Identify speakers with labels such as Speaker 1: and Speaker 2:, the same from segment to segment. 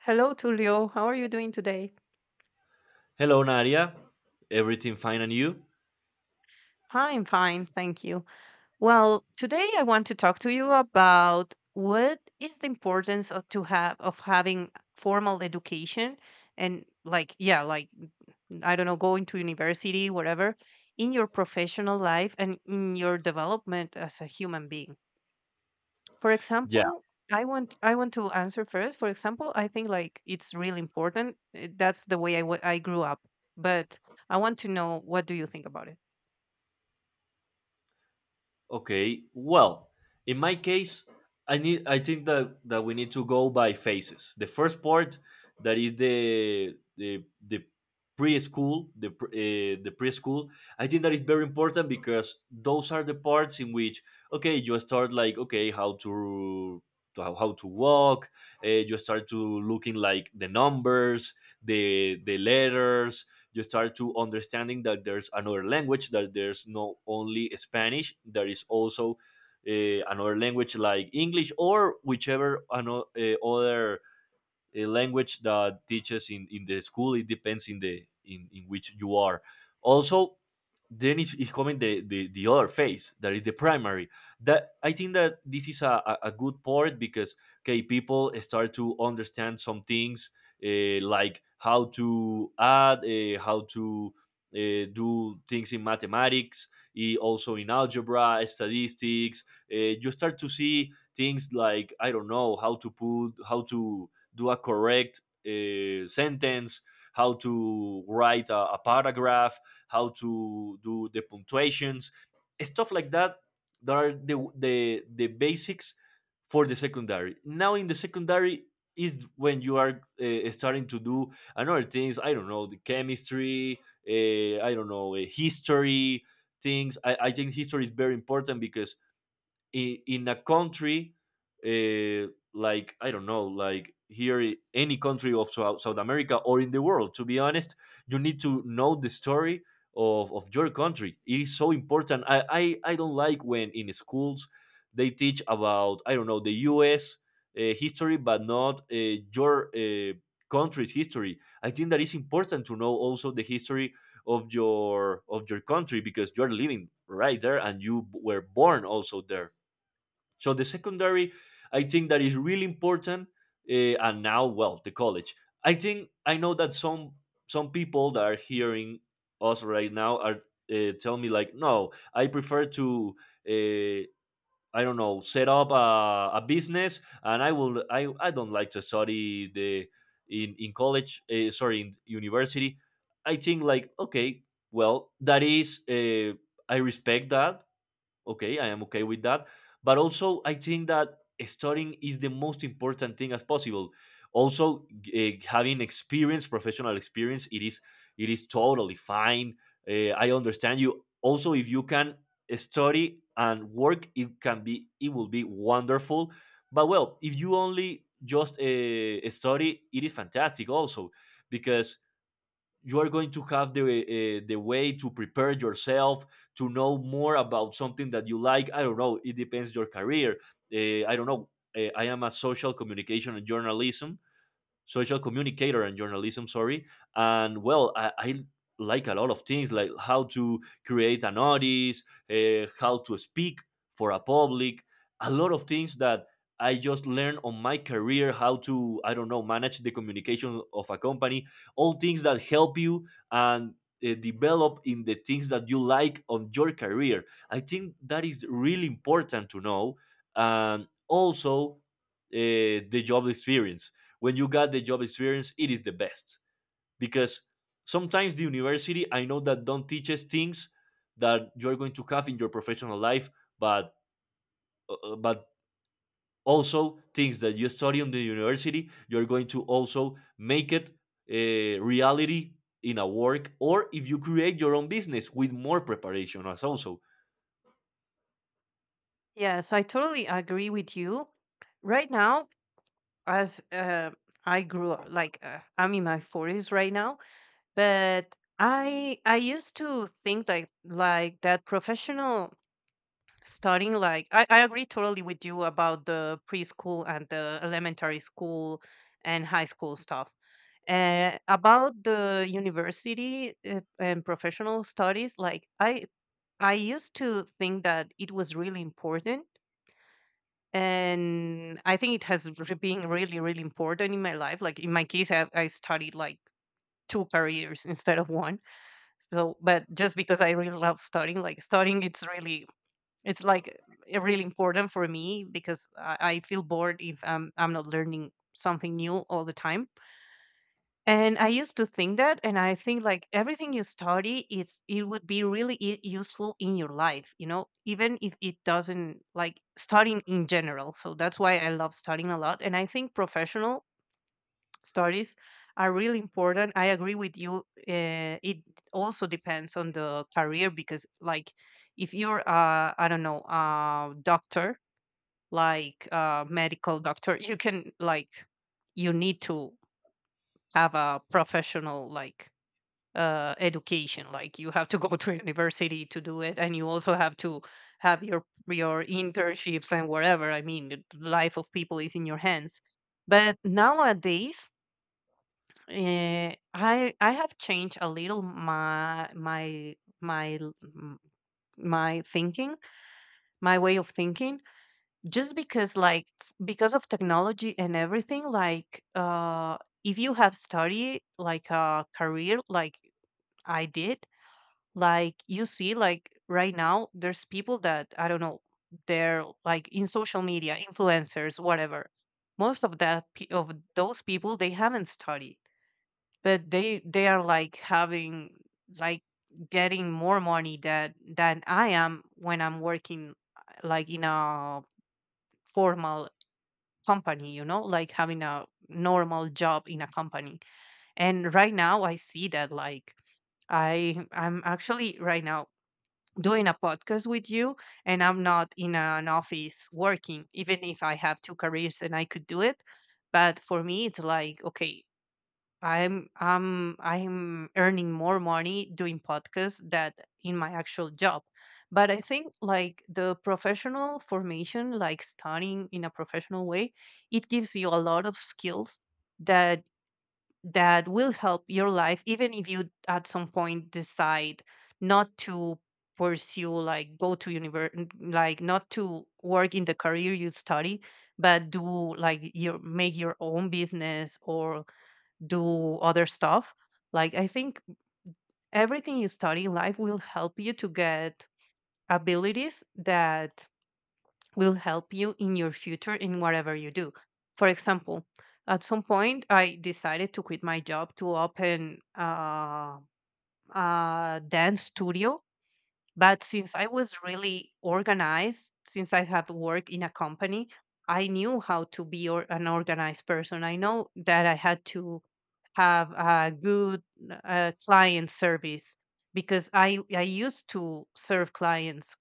Speaker 1: Hello, Tulio. How are you doing today?
Speaker 2: Hello, Nadia. Everything fine and you?
Speaker 1: Fine, fine. Thank you. Well, today I want to talk to you about what is the importance of to have of having formal education and like yeah, like I don't know, going to university, whatever, in your professional life and in your development as a human being. For
Speaker 2: Yeah,
Speaker 1: example, I want to answer first. For example, I think like it's really important. That's the way I grew up. But I want to know what do you think about it?
Speaker 2: okay. Well, in my case, I think that we need to go by phases. The first part, that is the the preschool, the preschool. I think that is very important because those are the parts in which, okay, you start like, okay, how to how to walk, you start to looking like the numbers, the letters. You start to understanding that there's another language, that there's not only Spanish, there is also another language like English, or whichever other language that teaches in the school. It depends in the in which you are. Also, then he's coming the other phase, that is the primary, that I think that this is a, a good part because, okay, people start to understand some things, like how to add, how to do things in mathematics, also in algebra, statistics. You start to see things like, I don't know, how to put how to do a correct sentence, how to write a, paragraph, how to do the punctuations, stuff like that. That are the the basics for the secondary. Now in the secondary is when you are starting to do another things. I don't know, the chemistry. I don't know, history things. I think history is very important because in a country, uh, like I don't know, like here, any country of South America or in the world. To be honest, you need to know the story of your country. It is so important. I I don't like when in schools they teach about, I don't know, the U.S. History, but not your country's history. I think that is important to know also the history of your country, because you are living right there and you were born also there. So the secondary, I think that is really important. And now, well, the college. I think, I know that some people that are hearing us right now are tell me like, no, I prefer to. Uh, I don't know, set up a, business, and I will. I don't like to study the in college. Sorry, in university. I think like, okay, well, that is. I respect that. Okay, I am okay with that. But also, I think that studying is the most important thing as possible. Also, having experience, professional experience, it is totally fine. I understand you. Also, if you can study and work, it can be it will be wonderful. But well, if you only just study, it is fantastic also, because you are going to have the way to prepare yourself, to know more about something that you like. I don't know, it depends your career. I don't know I am a social communication and journalism, social communicator and journalism, sorry. And well, I like a lot of things, like how to create an audience, how to speak for a public, a lot of things that I just learned on my career, how to, I don't know, manage the communication of a company, all things that help you, and develop in the things that you like on your career. I think that is really important to know. And also the job experience, when you got the job experience, it is the best, because sometimes the university, I know that, don't teaches things that you're going to have in your professional life, but but also things that you study in the university, you're going to also make it a reality in a work, or if you create your own business with more preparation as also.
Speaker 1: Yes, I totally agree with you. Right now, as I grew up, I'm in my 40s right now. But I used to think like that professional studying like I agree totally with you about the preschool and the elementary school and high school stuff, about the university and professional studies like I used to think that it was really important. And I think it has been really really important in my life. Like in my case, I studied like two careers instead of one. So, but just because I really love studying, like studying, it's really, it's like really important for me because I feel bored if I'm not learning something new all the time. And I used to think that, and I think like everything you study, it would be really useful in your life, you know, even if it doesn't, like studying in general. So that's why I love studying a lot. And I think professional studies are really important. I agree with you. It also depends on the career because, like, if you're, I don't know, a doctor, like a medical doctor, you can, like, you need to have a professional, like, education. Like, you have to go to university to do it, and you also have to have your internships and whatever. I mean, the life of people is in your hands. But nowadays, I have changed a little my thinking, my way of thinking, just because because of technology and everything. Like, if you have study like a career, like I did, like you see, like right now, there's people that I don't know, they're like in social media, influencers, whatever. Most of those people, they haven't studied, but they are like having, like, getting more money that than I am when I'm working like in a formal company, you know, like having a normal job in a company. And right now I see that like I'm actually right now doing a podcast with you, and I'm not in an office working, even if I have two careers and I could do it. But for me, it's like, okay, I'm earning more money doing podcasts than in my actual job. But I think like the professional formation, like studying in a professional way, it gives you a lot of skills that that will help your life, even if you at some point decide not to pursue, like go to university, like not to work in the career you study, but do like your, make your own business or do other stuff. Like I think everything you study in life will help you to get abilities that will help you in your future in whatever you do. For example, at some point I decided to quit my job to open a dance studio, but since I was really organized, since I have worked in a company, I knew how to be or, an organized person. I know that I had to have a good client service because I used to serve clients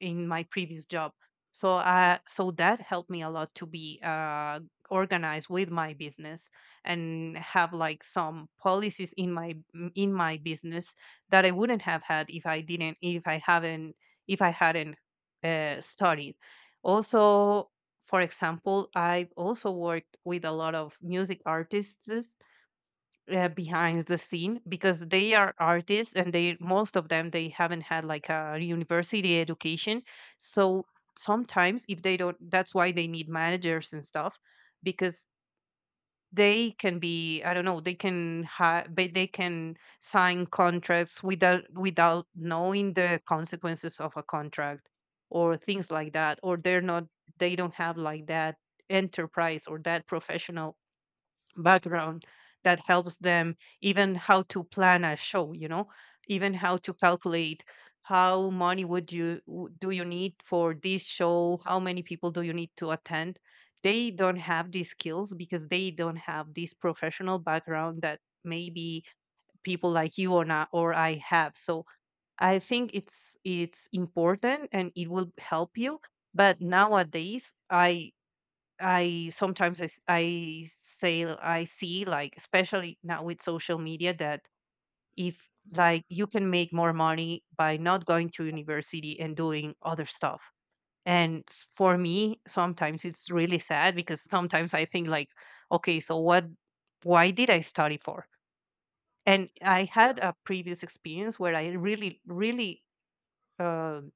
Speaker 1: in my previous job. So that helped me a lot to be organized with my business and have like some policies in my business that I wouldn't have had if I didn't, if I haven't, if I hadn't studied. Also, for example, I've also worked with a lot of music artists behind the scene because they are artists and they, most of them, they haven't had like a university education. So sometimes if they don't, that's why they need managers and stuff because they can be, I don't know, they can sign contracts without without knowing the consequences of a contract or things like that, or they're not, they don't have like that enterprise or that professional background that helps them, even how to plan a show, you know, even how to calculate how money would do you need for this show, how many people do you need to attend. They don't have these skills because they don't have this professional background that maybe people like you or not, or I have. So I think it's important and it will help you. But nowadays I sometimes I say, I see like, especially now with social media, that if, like, you can make more money by not going to university and doing other stuff. And for me, sometimes it's really sad because sometimes I think like, okay, so what, why did I study for? And I had a previous experience where I really, really um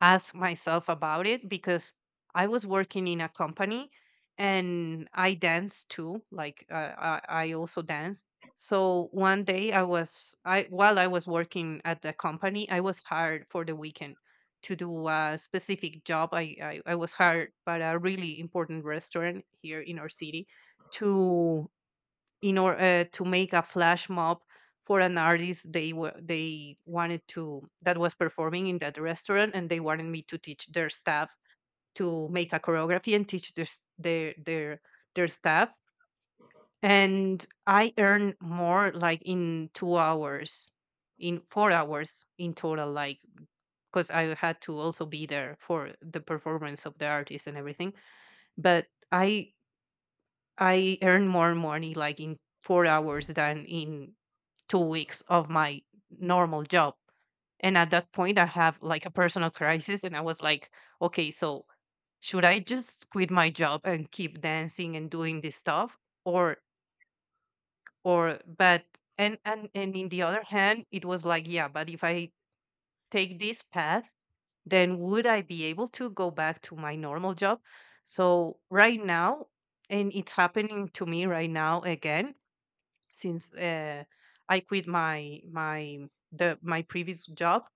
Speaker 1: ask myself about it, because I was working in a company and I dance too. Like I also dance. So one day I, while I was working at the company, I was hired for the weekend to do a specific job. I was hired by a really important restaurant here in our city to, in order to make a flash mob for an artist they were, they wanted to, that was performing in that restaurant, and they wanted me to teach their staff to make a choreography and teach their staff. And I earned more like in 2 hours in 4 hours in total, like, because I had to also be there for the performance of the artist and everything. But I earn more money like in 4 hours than in 2 weeks of my normal job. And at that point, I have like a personal crisis, and I was like, okay, so should I just quit my job and keep dancing and doing this stuff, or or but, and in the other hand, it was like, yeah, but if I take this path, then would I be able to go back to my normal job? So right now, and it's happening to me right now again, since I quit my previous job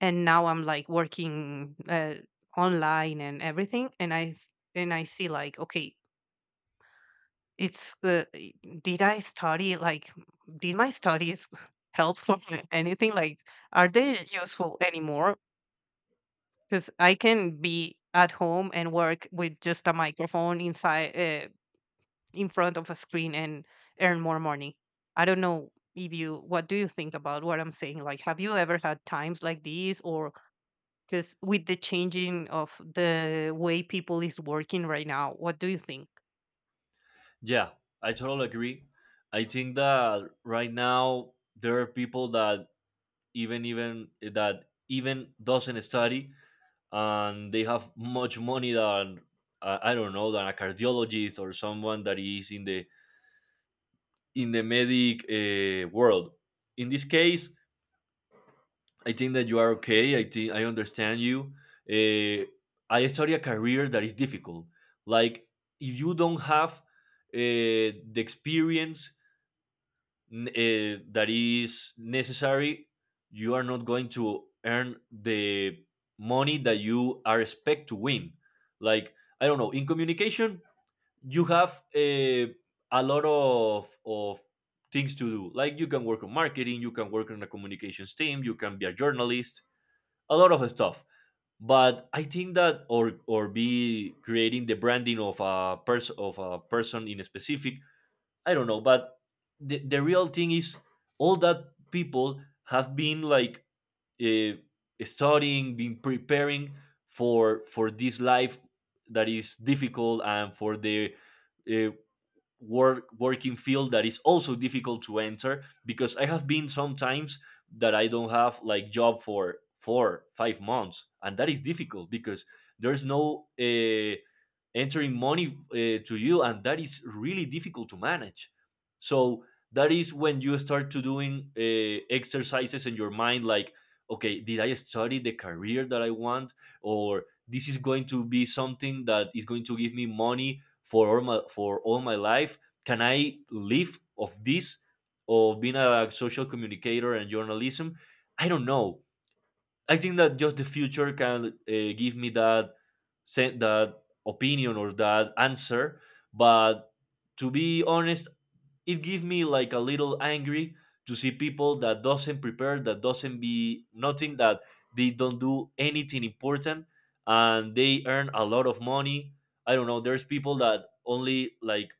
Speaker 1: and now I'm like working online and everything. And and I see like, okay, it's uh, i- did I study, like, did my studies help for anything, like, are they useful anymore, because I can be at home and work with just a microphone inside, in front of a screen, and earn more money. I don't know if you, what do you think about what I'm saying? Like, have you ever had times like these, or because with the changing of the way people is working right now, what do you think?
Speaker 2: Yeah, I totally agree. I think that right now there are people that even that even doesn't study, and they have much money than, I don't know, than a cardiologist or someone that is in the medic world. In this case, I think that you are okay. I think I understand you. Uh, I study a career that is difficult. Like if you don't have the experience that is necessary, you are not going to earn the money that you are expect to win. Like I don't know, in communication, you have a lot of things to do. Like you can work on marketing, you can work on a communications team, you can be a journalist, a lot of stuff. But I think that, or be creating the branding of a person, of a person in a specific, I don't know. But the real thing is, all that people have been like uh, studying, been preparing for this life that is difficult, and for the uh, work working field, that is also difficult to enter, because I have been sometimes that I don't have like job for 4 5 months, and that is difficult because there's no entering money to you, and that is really difficult to manage. So that is when you start to doing exercises in your mind, like okay, did I study the career that I want, or this is going to be something that is going to give me money for all my life? Can I live of this, of being a social communicator and journalism? I don't know. I think that just the future can give me that that opinion, or that answer. But to be honest, it gives me like a little angry, to see people that doesn't prepare, that doesn't be nothing, that they don't do anything important, and they earn a lot of money. I don't know, there's people that only, like,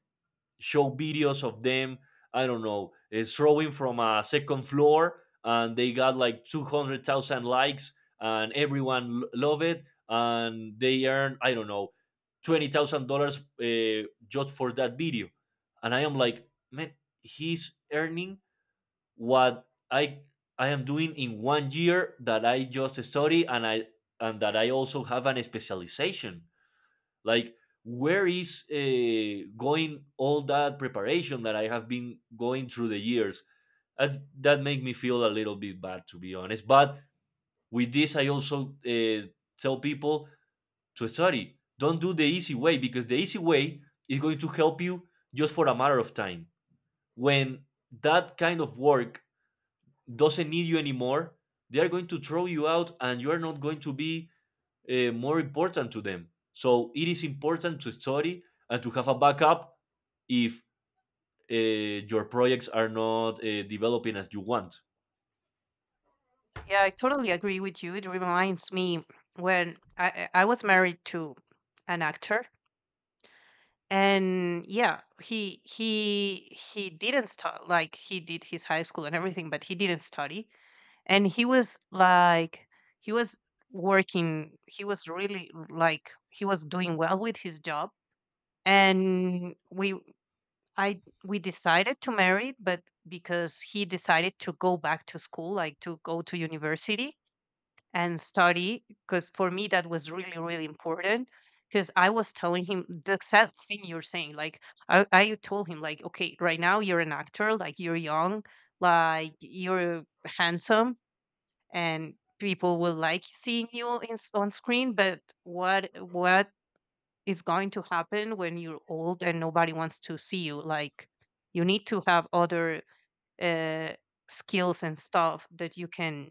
Speaker 2: show videos of them, I don't know, throwing from a second floor, and they got like 200,000 likes, and everyone love it, and they earn, I don't know, $20,000 just for that video. And I am like, man, he's earning what I I am doing in 1 year, that I just study, and I and that I also have an specialization. Like, where is going all that preparation that I have been going through the years? That, that make me feel a little bit bad, to be honest. But with this, I also tell people to study. Don't do the easy way, because the easy way is going to help you just for a matter of time. When that kind of work doesn't need you anymore, they are going to throw you out, and you are not going to be more important to them. So it is important to study, and to have a backup if your projects are not developing as you want.
Speaker 1: Yeah, I totally agree with you. It reminds me when I was married to an actor, and yeah, he didn't like he did his high school and everything, but he didn't study. And he was like, he was working, he was really like, he was doing well with his job, and we decided to marry, but because he decided to go back to school, like to go to university, and study, because for me that was really really important, because I was telling him the sad thing you're saying, like, I told him like, okay, right now you're an actor, like you're young, like you're handsome, and people will like seeing you in, on screen, but what is going to happen when you're old and nobody wants to see you, like, you need to have other uh, skills and stuff that you can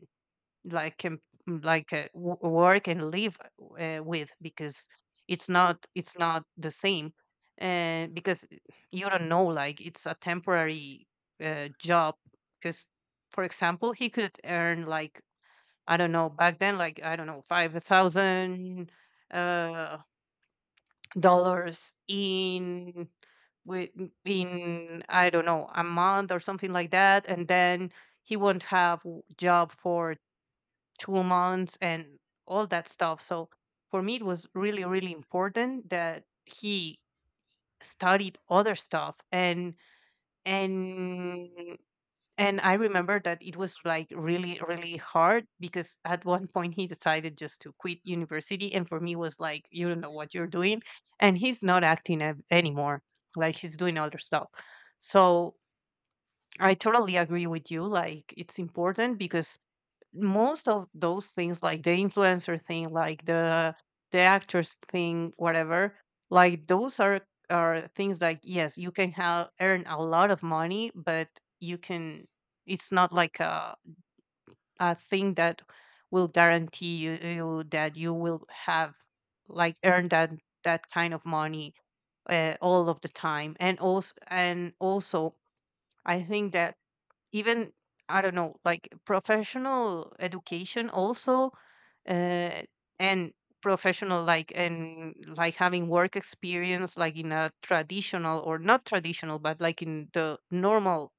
Speaker 1: like can like work and live with, because it's not, it's not the same, and because you don't know, like it's a temporary job, because for example he could earn like, I don't know, back then, like, I don't know, 5,000 uh, dollars in with in, I don't know, a month or something like that, and then he won't have job for 2 months, and all that stuff. So for me, it was really really important that he studied other stuff. And and and I remember that it was like really, really hard because at one point he decided just to quit university. And for me was like, you don't know what you're doing. And he's not anymore. Like he's doing other stuff. So I totally agree with you. Like it's important because most of those things like the influencer thing like the actors thing whatever like those are things like yes you can have earn a lot of money, but you can it's not like a thing that will guarantee you that you will have like earn that kind of money all of the time. And also I think that, even, I don't know, like professional education also, uh, and professional, like, and like having work experience, like in a traditional or not traditional, but like in the normal,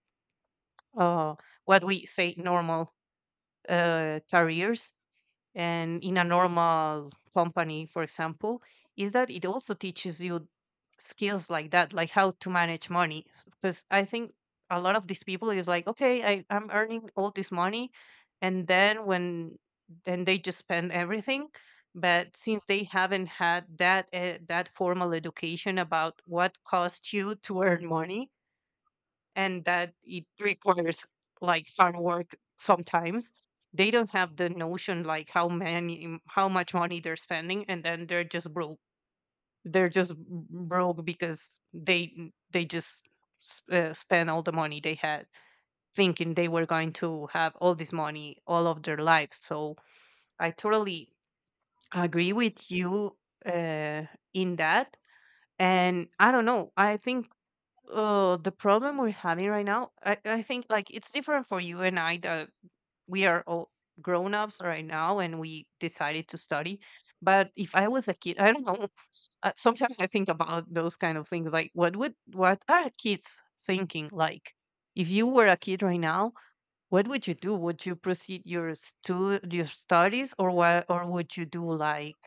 Speaker 1: uh what we say normal, careers, and in a normal company, for example, is that it also teaches you skills like that, like how to manage money. Because I think a lot of these people is like, okay, I'm earning all this money, and then they just spend everything. But since they haven't had that that formal education about what costs you to earn money, and that it requires like hard work sometimes, they don't have the notion like how much money they're spending, and then they're just broke. They're just Broke because they just spent all the money they had, thinking they were going to have all this money all of their lives. So I totally agree with you, uh, in that. And I don't know, I think the problem we're having right now, I think, like, it's different for you and I, that we are all grown-ups right now and we decided to study. But if I was a kid I don't know. Uh, sometimes I think about those kind of things, like what are kids thinking, like, if you were a kid right now, what would you do? Would you proceed your your studies or what, or would you do like,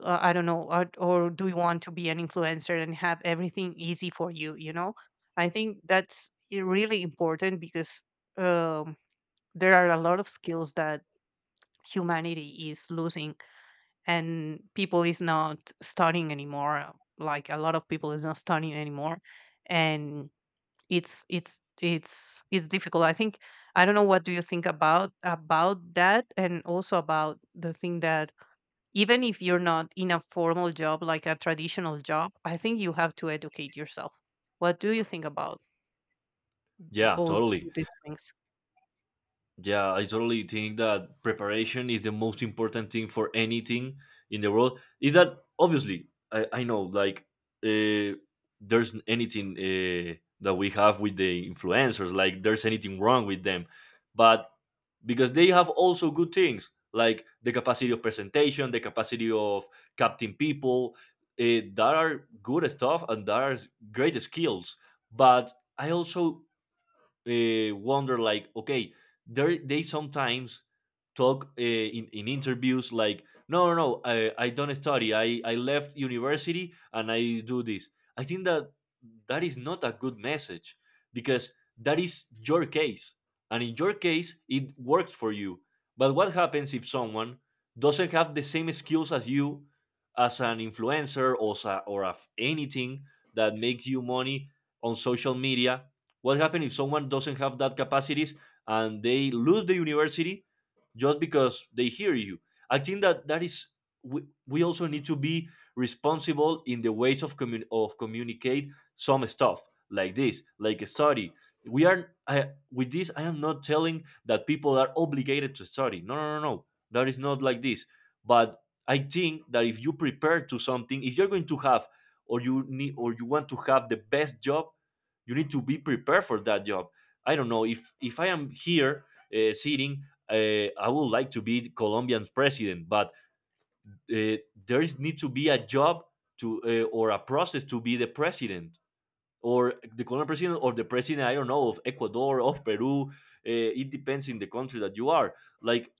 Speaker 1: I don't know, or do you want to be an influencer and have everything easy for you, you know? I think that's really important because, um, there are a lot of skills that humanity is losing, and people is not studying anymore. Like a lot of people is not studying anymore. And it's difficult, I think. I don't know, what do you think about that? And also about the thing that, even if you're not in a formal job, like a traditional job, I think you have to educate yourself. What do you think about
Speaker 2: Yeah,
Speaker 1: all
Speaker 2: totally.
Speaker 1: these things?
Speaker 2: Yeah, I totally think that preparation is the most important thing for anything in the world. Is that obviously? I know like uh, there's anything that we have with the influencers. Like there's anything wrong with them, but because they have also good things, like the capacity of presentation, the capacity of capting people. That are good stuff, and that are great skills. But I also wonder like, okay, there they sometimes talk in interviews like, no no no, I don't study, I left university and I do this. I think that that is not a good message, because that is your case, and in your case it worked for you. But what happens if someone doesn't have the same skills as you, as an influencer, or, or of anything that makes you money on social media? What happens if someone doesn't have that capacities, and they lose the university just because they hear you? I think that that is, we also need to be responsible in the ways of of communicate some stuff like this, like a study. With this, I am not telling that people are obligated to study. No, no, no, no. That is not like this. But I think that if you prepare to something, if you're going to have or you need or you want to have the best job, you need to be prepared for that job. I don't know if I am here, sitting. uh, I would like to be Colombian president, but uh, there is need to be a job, to or a process to be the president, or the Colombian president, or the president, I don't know, of Ecuador, of Peru. It depends in the country that you are. Like,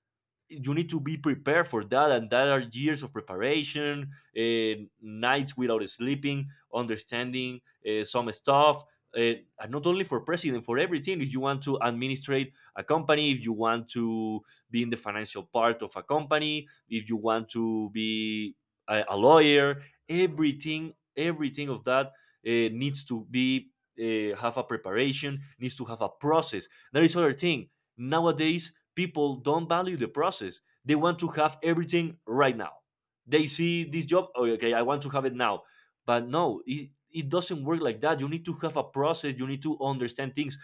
Speaker 2: you need to be prepared for that, and that are years of preparation. uh, Nights without sleeping, understanding some stuff. uh, and not only for president, for everything. If you want to administrate a company, if you want to be in the financial part of a company, if you want to be a lawyer, everything of that needs to be have a preparation, needs to have a process. There is other thing. Nowadays people don't value the process. They want to have everything right now. They see this job, oh, okay, I want to have it now. But no, it doesn't work like that. You need to have a process, you need to understand things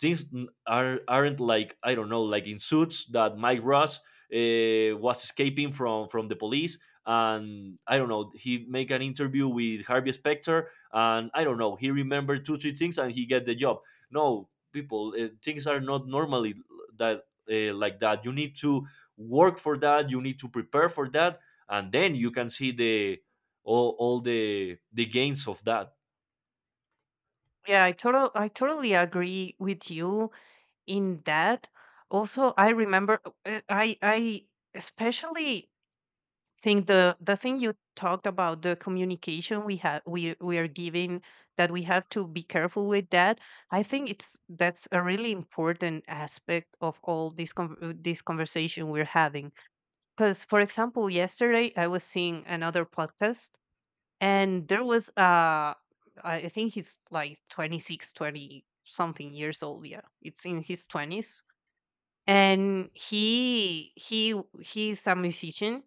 Speaker 2: things are aren't like, I don't know, like in Suits, that Mike Ross was escaping from the police, and I don't know, he make an interview with Harvey Specter, and I don't know, he remembered two three things and he get the job. No, people, things are not normally that like that. You need to work for that. You need to prepare for that, and then you can see the all the gains of that.
Speaker 1: Yeah, I totally agree with you in that. Also I remember, I especially think the thing you talked about, the communication we are giving, that we have to be careful with that. I think it's that's a really important aspect of all this this conversation we're having. Because, for example, yesterday I was seeing another podcast, and there was, I think he's like 26, twenty something years old. Yeah, it's in his 20s. And he's a musician,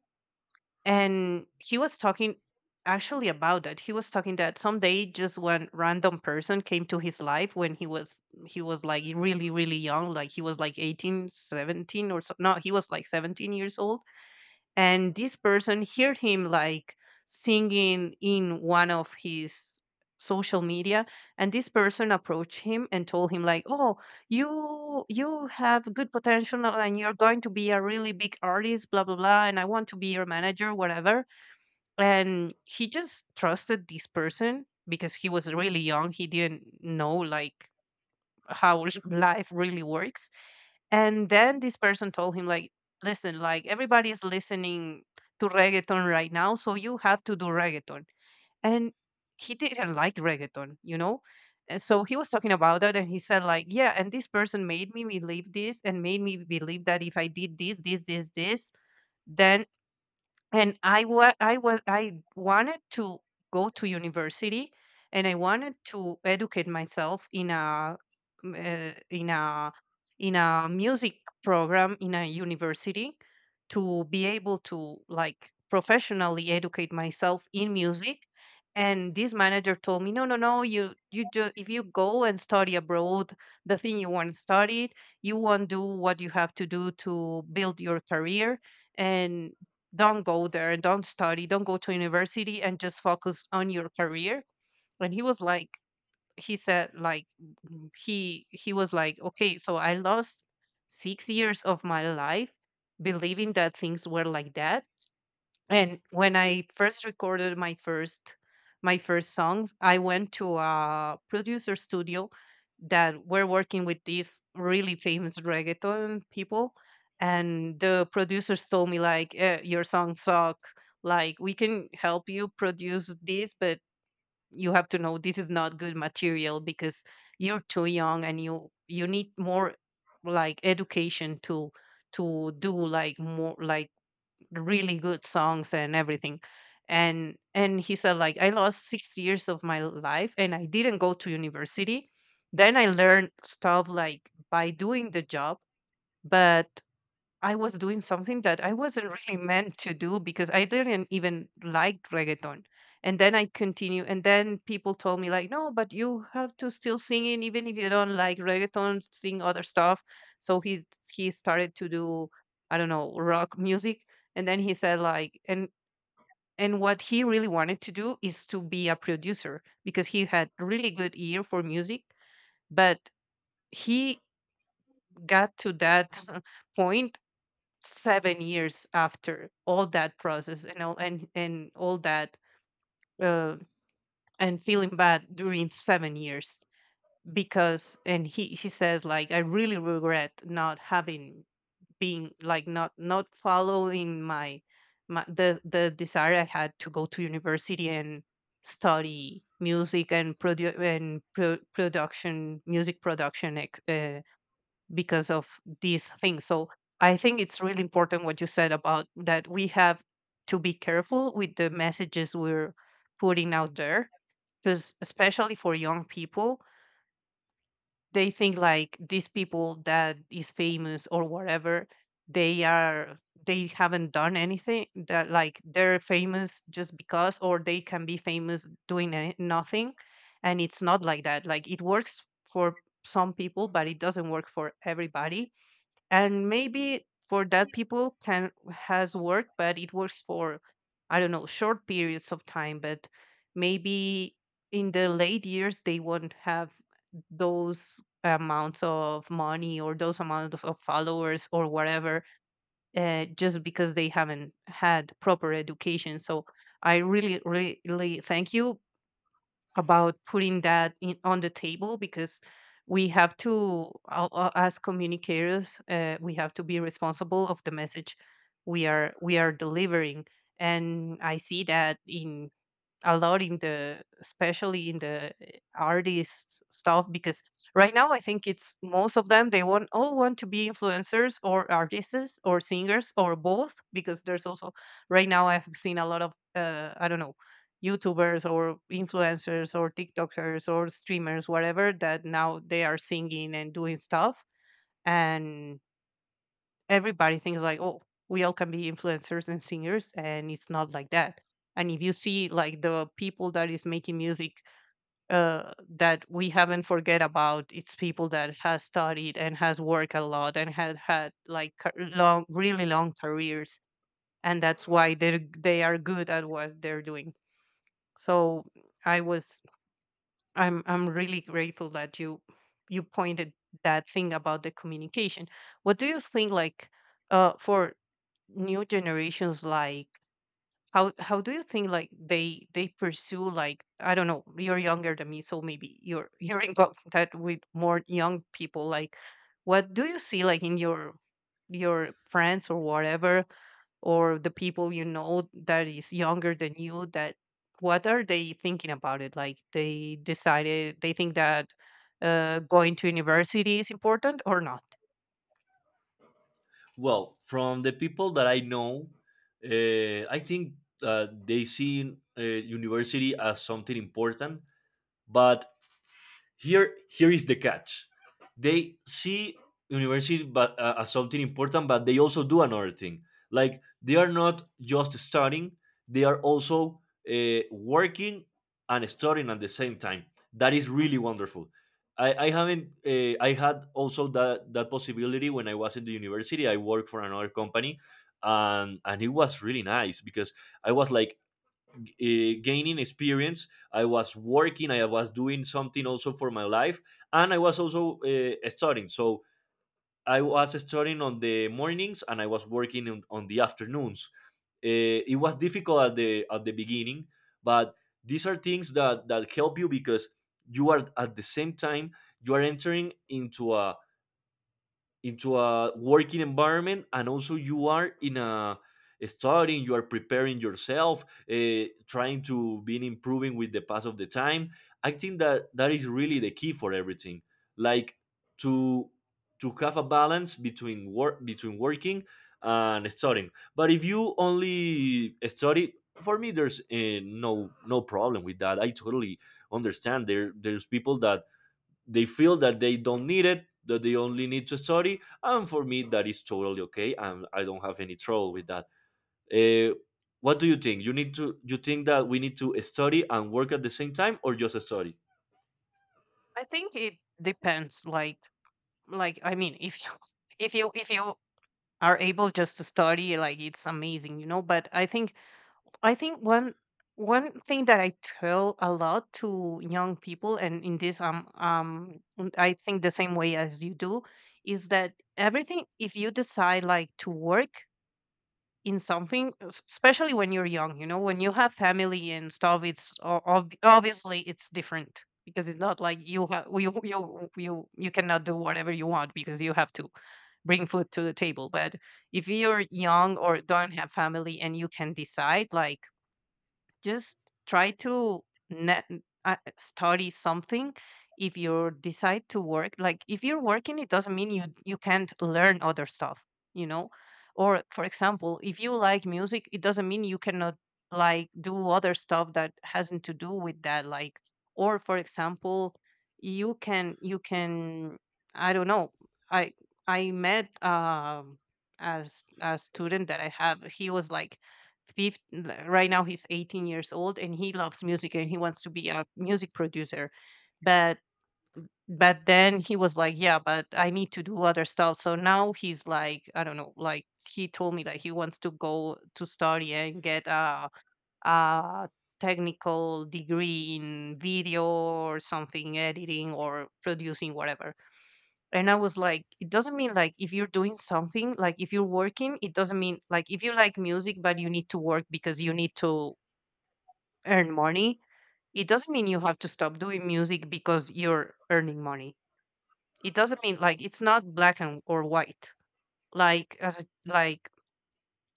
Speaker 1: and he was talking actually about that. He was talking that someday just one random person came to his life when he was like really, really young. Like he was like 18, 17, or so. No, he was like 17 years old, and this person heard him like singing in one of his social media. And this person approached him and told him like, oh, you have good potential and you're going to be a really big artist, blah blah blah, and I want to be your manager, whatever. And he just trusted this person because he was really young, he didn't know like how life really works. And then this person told him, like, listen, like everybody is listening to reggaeton right now, so you have to do reggaeton. And he didn't like reggaeton, you know? And so he was talking about that and he said, like, yeah, and this person made me believe this and made me believe that if I did this, this, this, this, then, and I wanted to go to university, and I wanted to educate myself in a m- uh, in a in a music program in a university, to be able to like professionally educate myself in music. And this manager told me, no no no, you do, if you go and study abroad the thing you want to study, you won't do what you have to do to build your career. And don't go there, don't study, don't go to university, and just focus on your career. And he was like, he said like, he was like, okay, so I lost 6 years of my life believing that things were like that. And when I first recorded my first songs, I went to a producer studio that were working with these really famous reggaeton people, and the producers told me like, your songs suck. Like we can help you produce this, but you have to know this is not good material because you're too young, and you need more like education to do like more, like, really good songs and everything. And he said like, I lost 6 years of my life and I didn't go to university. Then I learned stuff like by doing the job, but I was doing something that I wasn't really meant to do because I didn't even like reggaeton. And then I continue, and then people told me like, no, but you have to still sing it, even if you don't like reggaeton, sing other stuff. So he started to do, I don't know, rock music. And then he said like, and what he really wanted to do is to be a producer because he had really good ear for music. But he got to that point 7 years after all that process and all and all that, uh, and feeling bad during 7 years. Because, and he says like, I really regret not having being like, not following my the desire I had to go to university and study music, and production, music production, because of these things. So I think it's really important what you said about that we have to be careful with the messages we're putting out there, because, especially for young people, they think like these people that is famous or whatever, they are they haven't done anything, that like they're famous just because, or they can be famous doing nothing. And it's not like that, like it works for some people but it doesn't work for everybody. And maybe for that people can has worked, but it works for, I don't know, short periods of time. But maybe in the late years they won't have those amounts of money, or those amount of followers or whatever, just because they haven't had proper education. So I really really thank you about putting that on the table, because we have to, as communicators, we have to be responsible of the message we are delivering. And I see that in a lot in the, especially in the artist stuff, because right now I think it's most of them, they want, all want to be influencers or artists or singers, or both, because there's also, right now I've seen a lot of, I don't know, youtubers or influencers or tiktokers or streamers, whatever, that now they are singing and doing stuff. And everybody thinks like, oh, we all can be influencers and singers, and it's not like that. And if you see like the people that is making music, that we haven't forget about, it's people that has studied and has worked a lot, and had like long, really long careers. And that's why they are good at what they're doing. So I was I'm really grateful that you pointed that thing about the communication. What do you think, like, for new generations, like, how do you think like they pursue, like, I don't know, you're younger than me, so maybe you're you're in contact with more young people. Like what do you see like in your friends or whatever or the people you know that is younger than you that what are they thinking about it like they decided they think that going to university is important or not?
Speaker 2: Well, from the people that I know, I think they see university as something important, but here, here is the catch. They see university but as something important, but they also do another thing. Like, they are not just studying; they are also working and studying at the same time. That is really wonderful. I haven't. I had also that that possibility when I was in the university. I worked for another company, and it was really nice because I was like, gaining experience. I was working, I was doing something also for my life, and I was also studying. So I was studying on the mornings and I was working on the afternoons. It was difficult at the beginning, but these are things that that help you because you are at the same time, you are entering into a working environment, and also you are in a studying, you are preparing yourself, trying to be improving with the pass of the time. I think that that is really the key for everything. Like, to to have a balance between work, between working and studying. But if you only study, for me there's no no problem with that. I totally understand there there's people that they feel that they don't need it, that they only need to study, and for me that is totally okay and I don't have any trouble with that. uh, what do you think? You need to, you think that we need to study and work at the same time, or just study?
Speaker 1: I think it depends, like like, I mean, if you if you are able just to study, like it's amazing, you know, but I think one thing that I tell a lot to young people, and in this, I think the same way as you do, is that everything. If you decide like to work in something, especially when you're young, you know, when you have family and stuff, it's obviously it's different because it's not like you have you cannot do whatever you want because you have to bring food to the table. But if you're young or don't have family and you can decide, like just try to net, study something. If you decide to work, like if you're working it doesn't mean you can't learn other stuff, you know, or for example if you like music it doesn't mean you cannot like do other stuff that hasn't to do with that, like, or for example you can I don't know, i I met as a student that I have, he was like fif- right now he's 18 years old and he loves music and he wants to be a music producer. but but then he was like, yeah, but I need to do other stuff, so now he's like, I don't know, like he told me that he wants to go to study and get a technical degree in video or something, editing or producing, whatever. And I was like, it doesn't mean, like if you're doing something, like if you're working it doesn't mean, like if you like music but you need to work because you need to earn money, it doesn't mean you have to stop doing music because you're earning money. It doesn't mean like, it's not black and or white. Like as a, like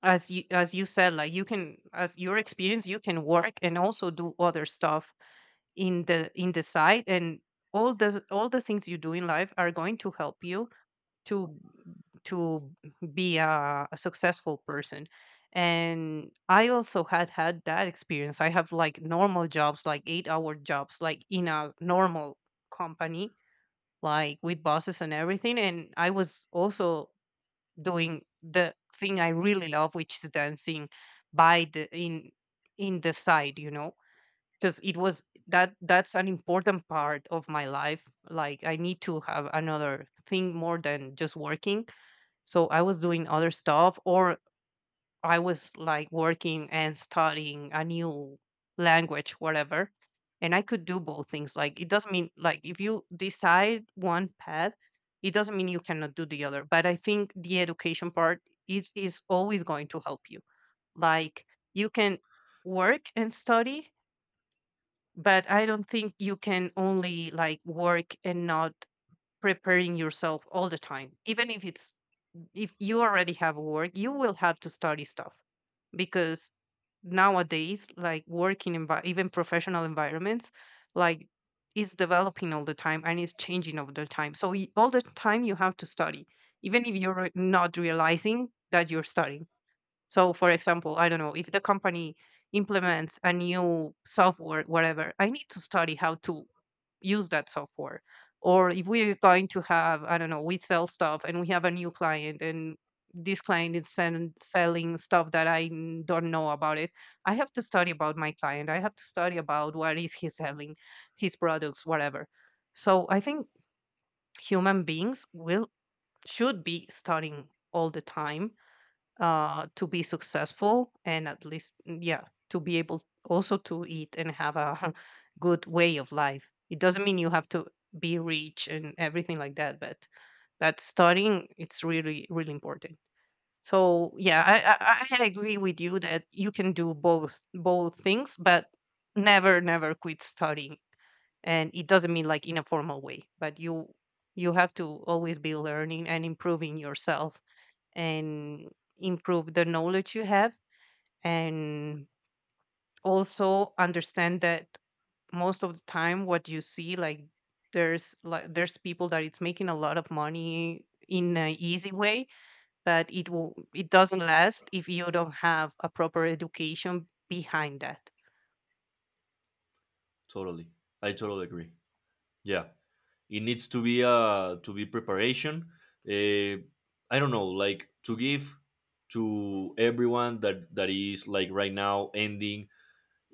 Speaker 1: as you said, like you can, as your experience, you can work and also do other stuff in the side, and all the things you do in life are going to help you to to be a successful person. And I also had that experience. I have like normal jobs, like 8-hour jobs, like in a normal company, like with bosses and everything, and I was also doing the thing I really love, which is dancing, by the in the side, you know, because it was, that that's an important part of my life. Like I need to have another thing more than just working. So I was doing other stuff, or I was like working and studying a new language, whatever. And I could do both things. Like it doesn't mean, like if you decide one path, it doesn't mean you cannot do the other. But I think the education part is always going to help you. Like you can work and study, but I don't think you can only like work and not preparing yourself all the time, even if it's, if you already have work you will have to study stuff, because nowadays like working even professional environments like is developing all the time and is changing all the time, so all the time you have to study, even if you're not realizing that you're studying. So for example, I don't know, if the company implements a new software, whatever, I need to study how to use that software. Or if we're going to have, I don't know, we sell stuff and we have a new client and this client is selling stuff that I don't know about it. I have to study about my client. I have to study about what is he selling, his products, whatever. So I think human beings will should be studying all the time to be successful, and at least yeah, to be able also to eat and have a good way of life. It doesn't mean you have to be rich and everything like that, but studying it's really really important. So yeah, I agree with you that you can do both things, but never quit studying. And it doesn't mean like in a formal way, but you have to always be learning and improving yourself, and improve the knowledge you have, and also understand that most of the time what you see, like there's people that it's making a lot of money in an easy way, but it will, it doesn't last if you don't have a proper education behind that.
Speaker 2: Totally, I totally agree. Yeah, it needs to be, uh, to be preparation. uh, I don't know, like, to give to everyone that that is like right now ending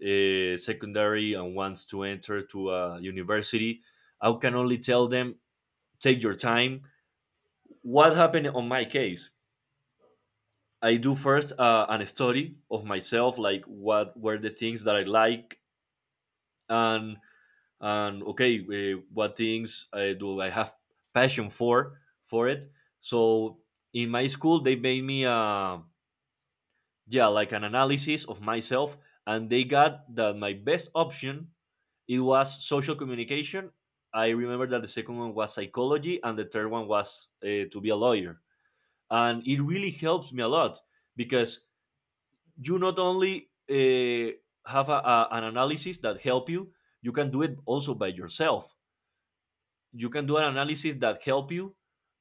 Speaker 2: secondary and wants to enter to a university, I can only tell them, take your time. What happened on my case? I do first an study of myself, like what were the things that I like, and and okay, what things I do I have passion for it. So in my school, they made me a, yeah, like an analysis of myself, and they got that my best option, it was social communication. I remember that the second one was psychology and the third one was to be a lawyer, and it really helps me a lot. Because you not only have a- an analysis that help you, you can do it also by yourself. You can do an analysis that help you,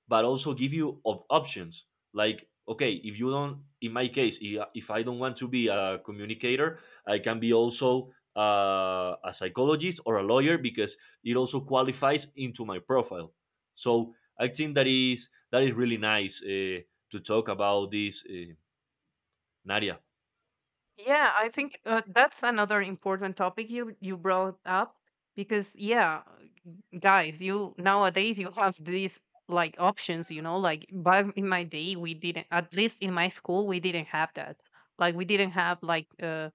Speaker 2: but also give you op- options. Like, okay, if you don't, in my case, I- if I don't want to be a communicator, I can be also a psychologist or a lawyer, because it also qualifies into my profile. So I think that is really nice, to talk about this, Nadia.
Speaker 1: Yeah, I think that's another important topic you brought up, because yeah, guys, you nowadays you have these like options, you know, like back in my day we didn't, at least in my school we didn't have that. Like we didn't have like uh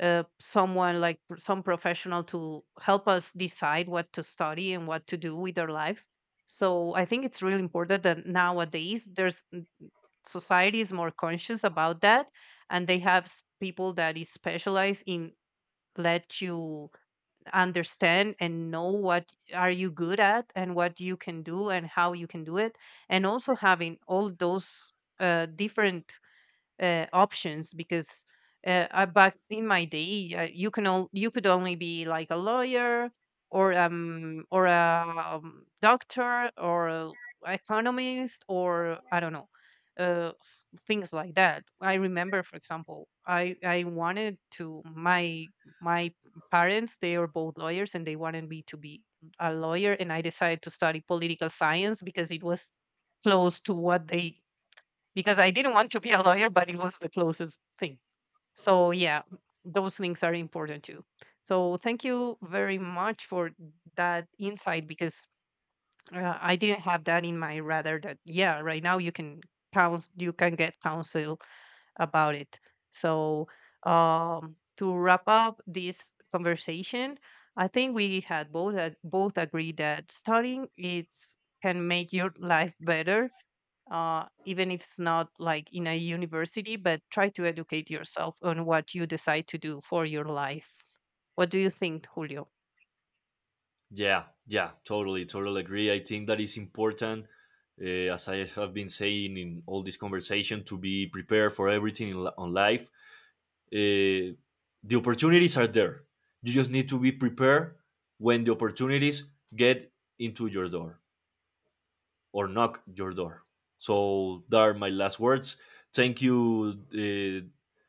Speaker 1: uh someone like some professional to help us decide what to study and what to do with our lives. So I think it's really important that nowadays there's, society is more conscious about that, and they have people that is specialized in let you understand and know what are you good at and what you can do and how you can do it, and also having all those different options, because back in my day, you can, all you could only be like a lawyer or a doctor or a economist or I don't know, things like that. I remember, for example, I wanted to my my parents, they are both lawyers and they wanted me to be a lawyer, and I decided to study political science because it was close to what they, because I didn't want to be a lawyer, but it was the closest thing. So yeah, those things are important too. So thank you very much for that insight, because I didn't have that in my, rather that yeah, right now you can counsel, you can get counsel about it. So to wrap up this conversation, I think we had both both agreed that studying it's, can make your life better, even if it's not like in a university, but try to educate yourself on what you decide to do for your life. What do you think, Julio?
Speaker 2: Yeah, yeah, totally, totally agree. I think that is important, as I have been saying in all this conversation, to be prepared for everything in, li- on life. Uh, the opportunities are there. You just need to be prepared when the opportunities get into your door or knock your door. So, that are my last words. Thank you, uh,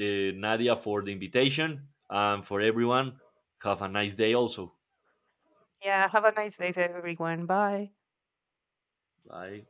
Speaker 2: uh, Nadia, for the invitation and for everyone. Have a nice day also.
Speaker 1: Yeah, have a nice day, everyone. Bye.
Speaker 2: Bye.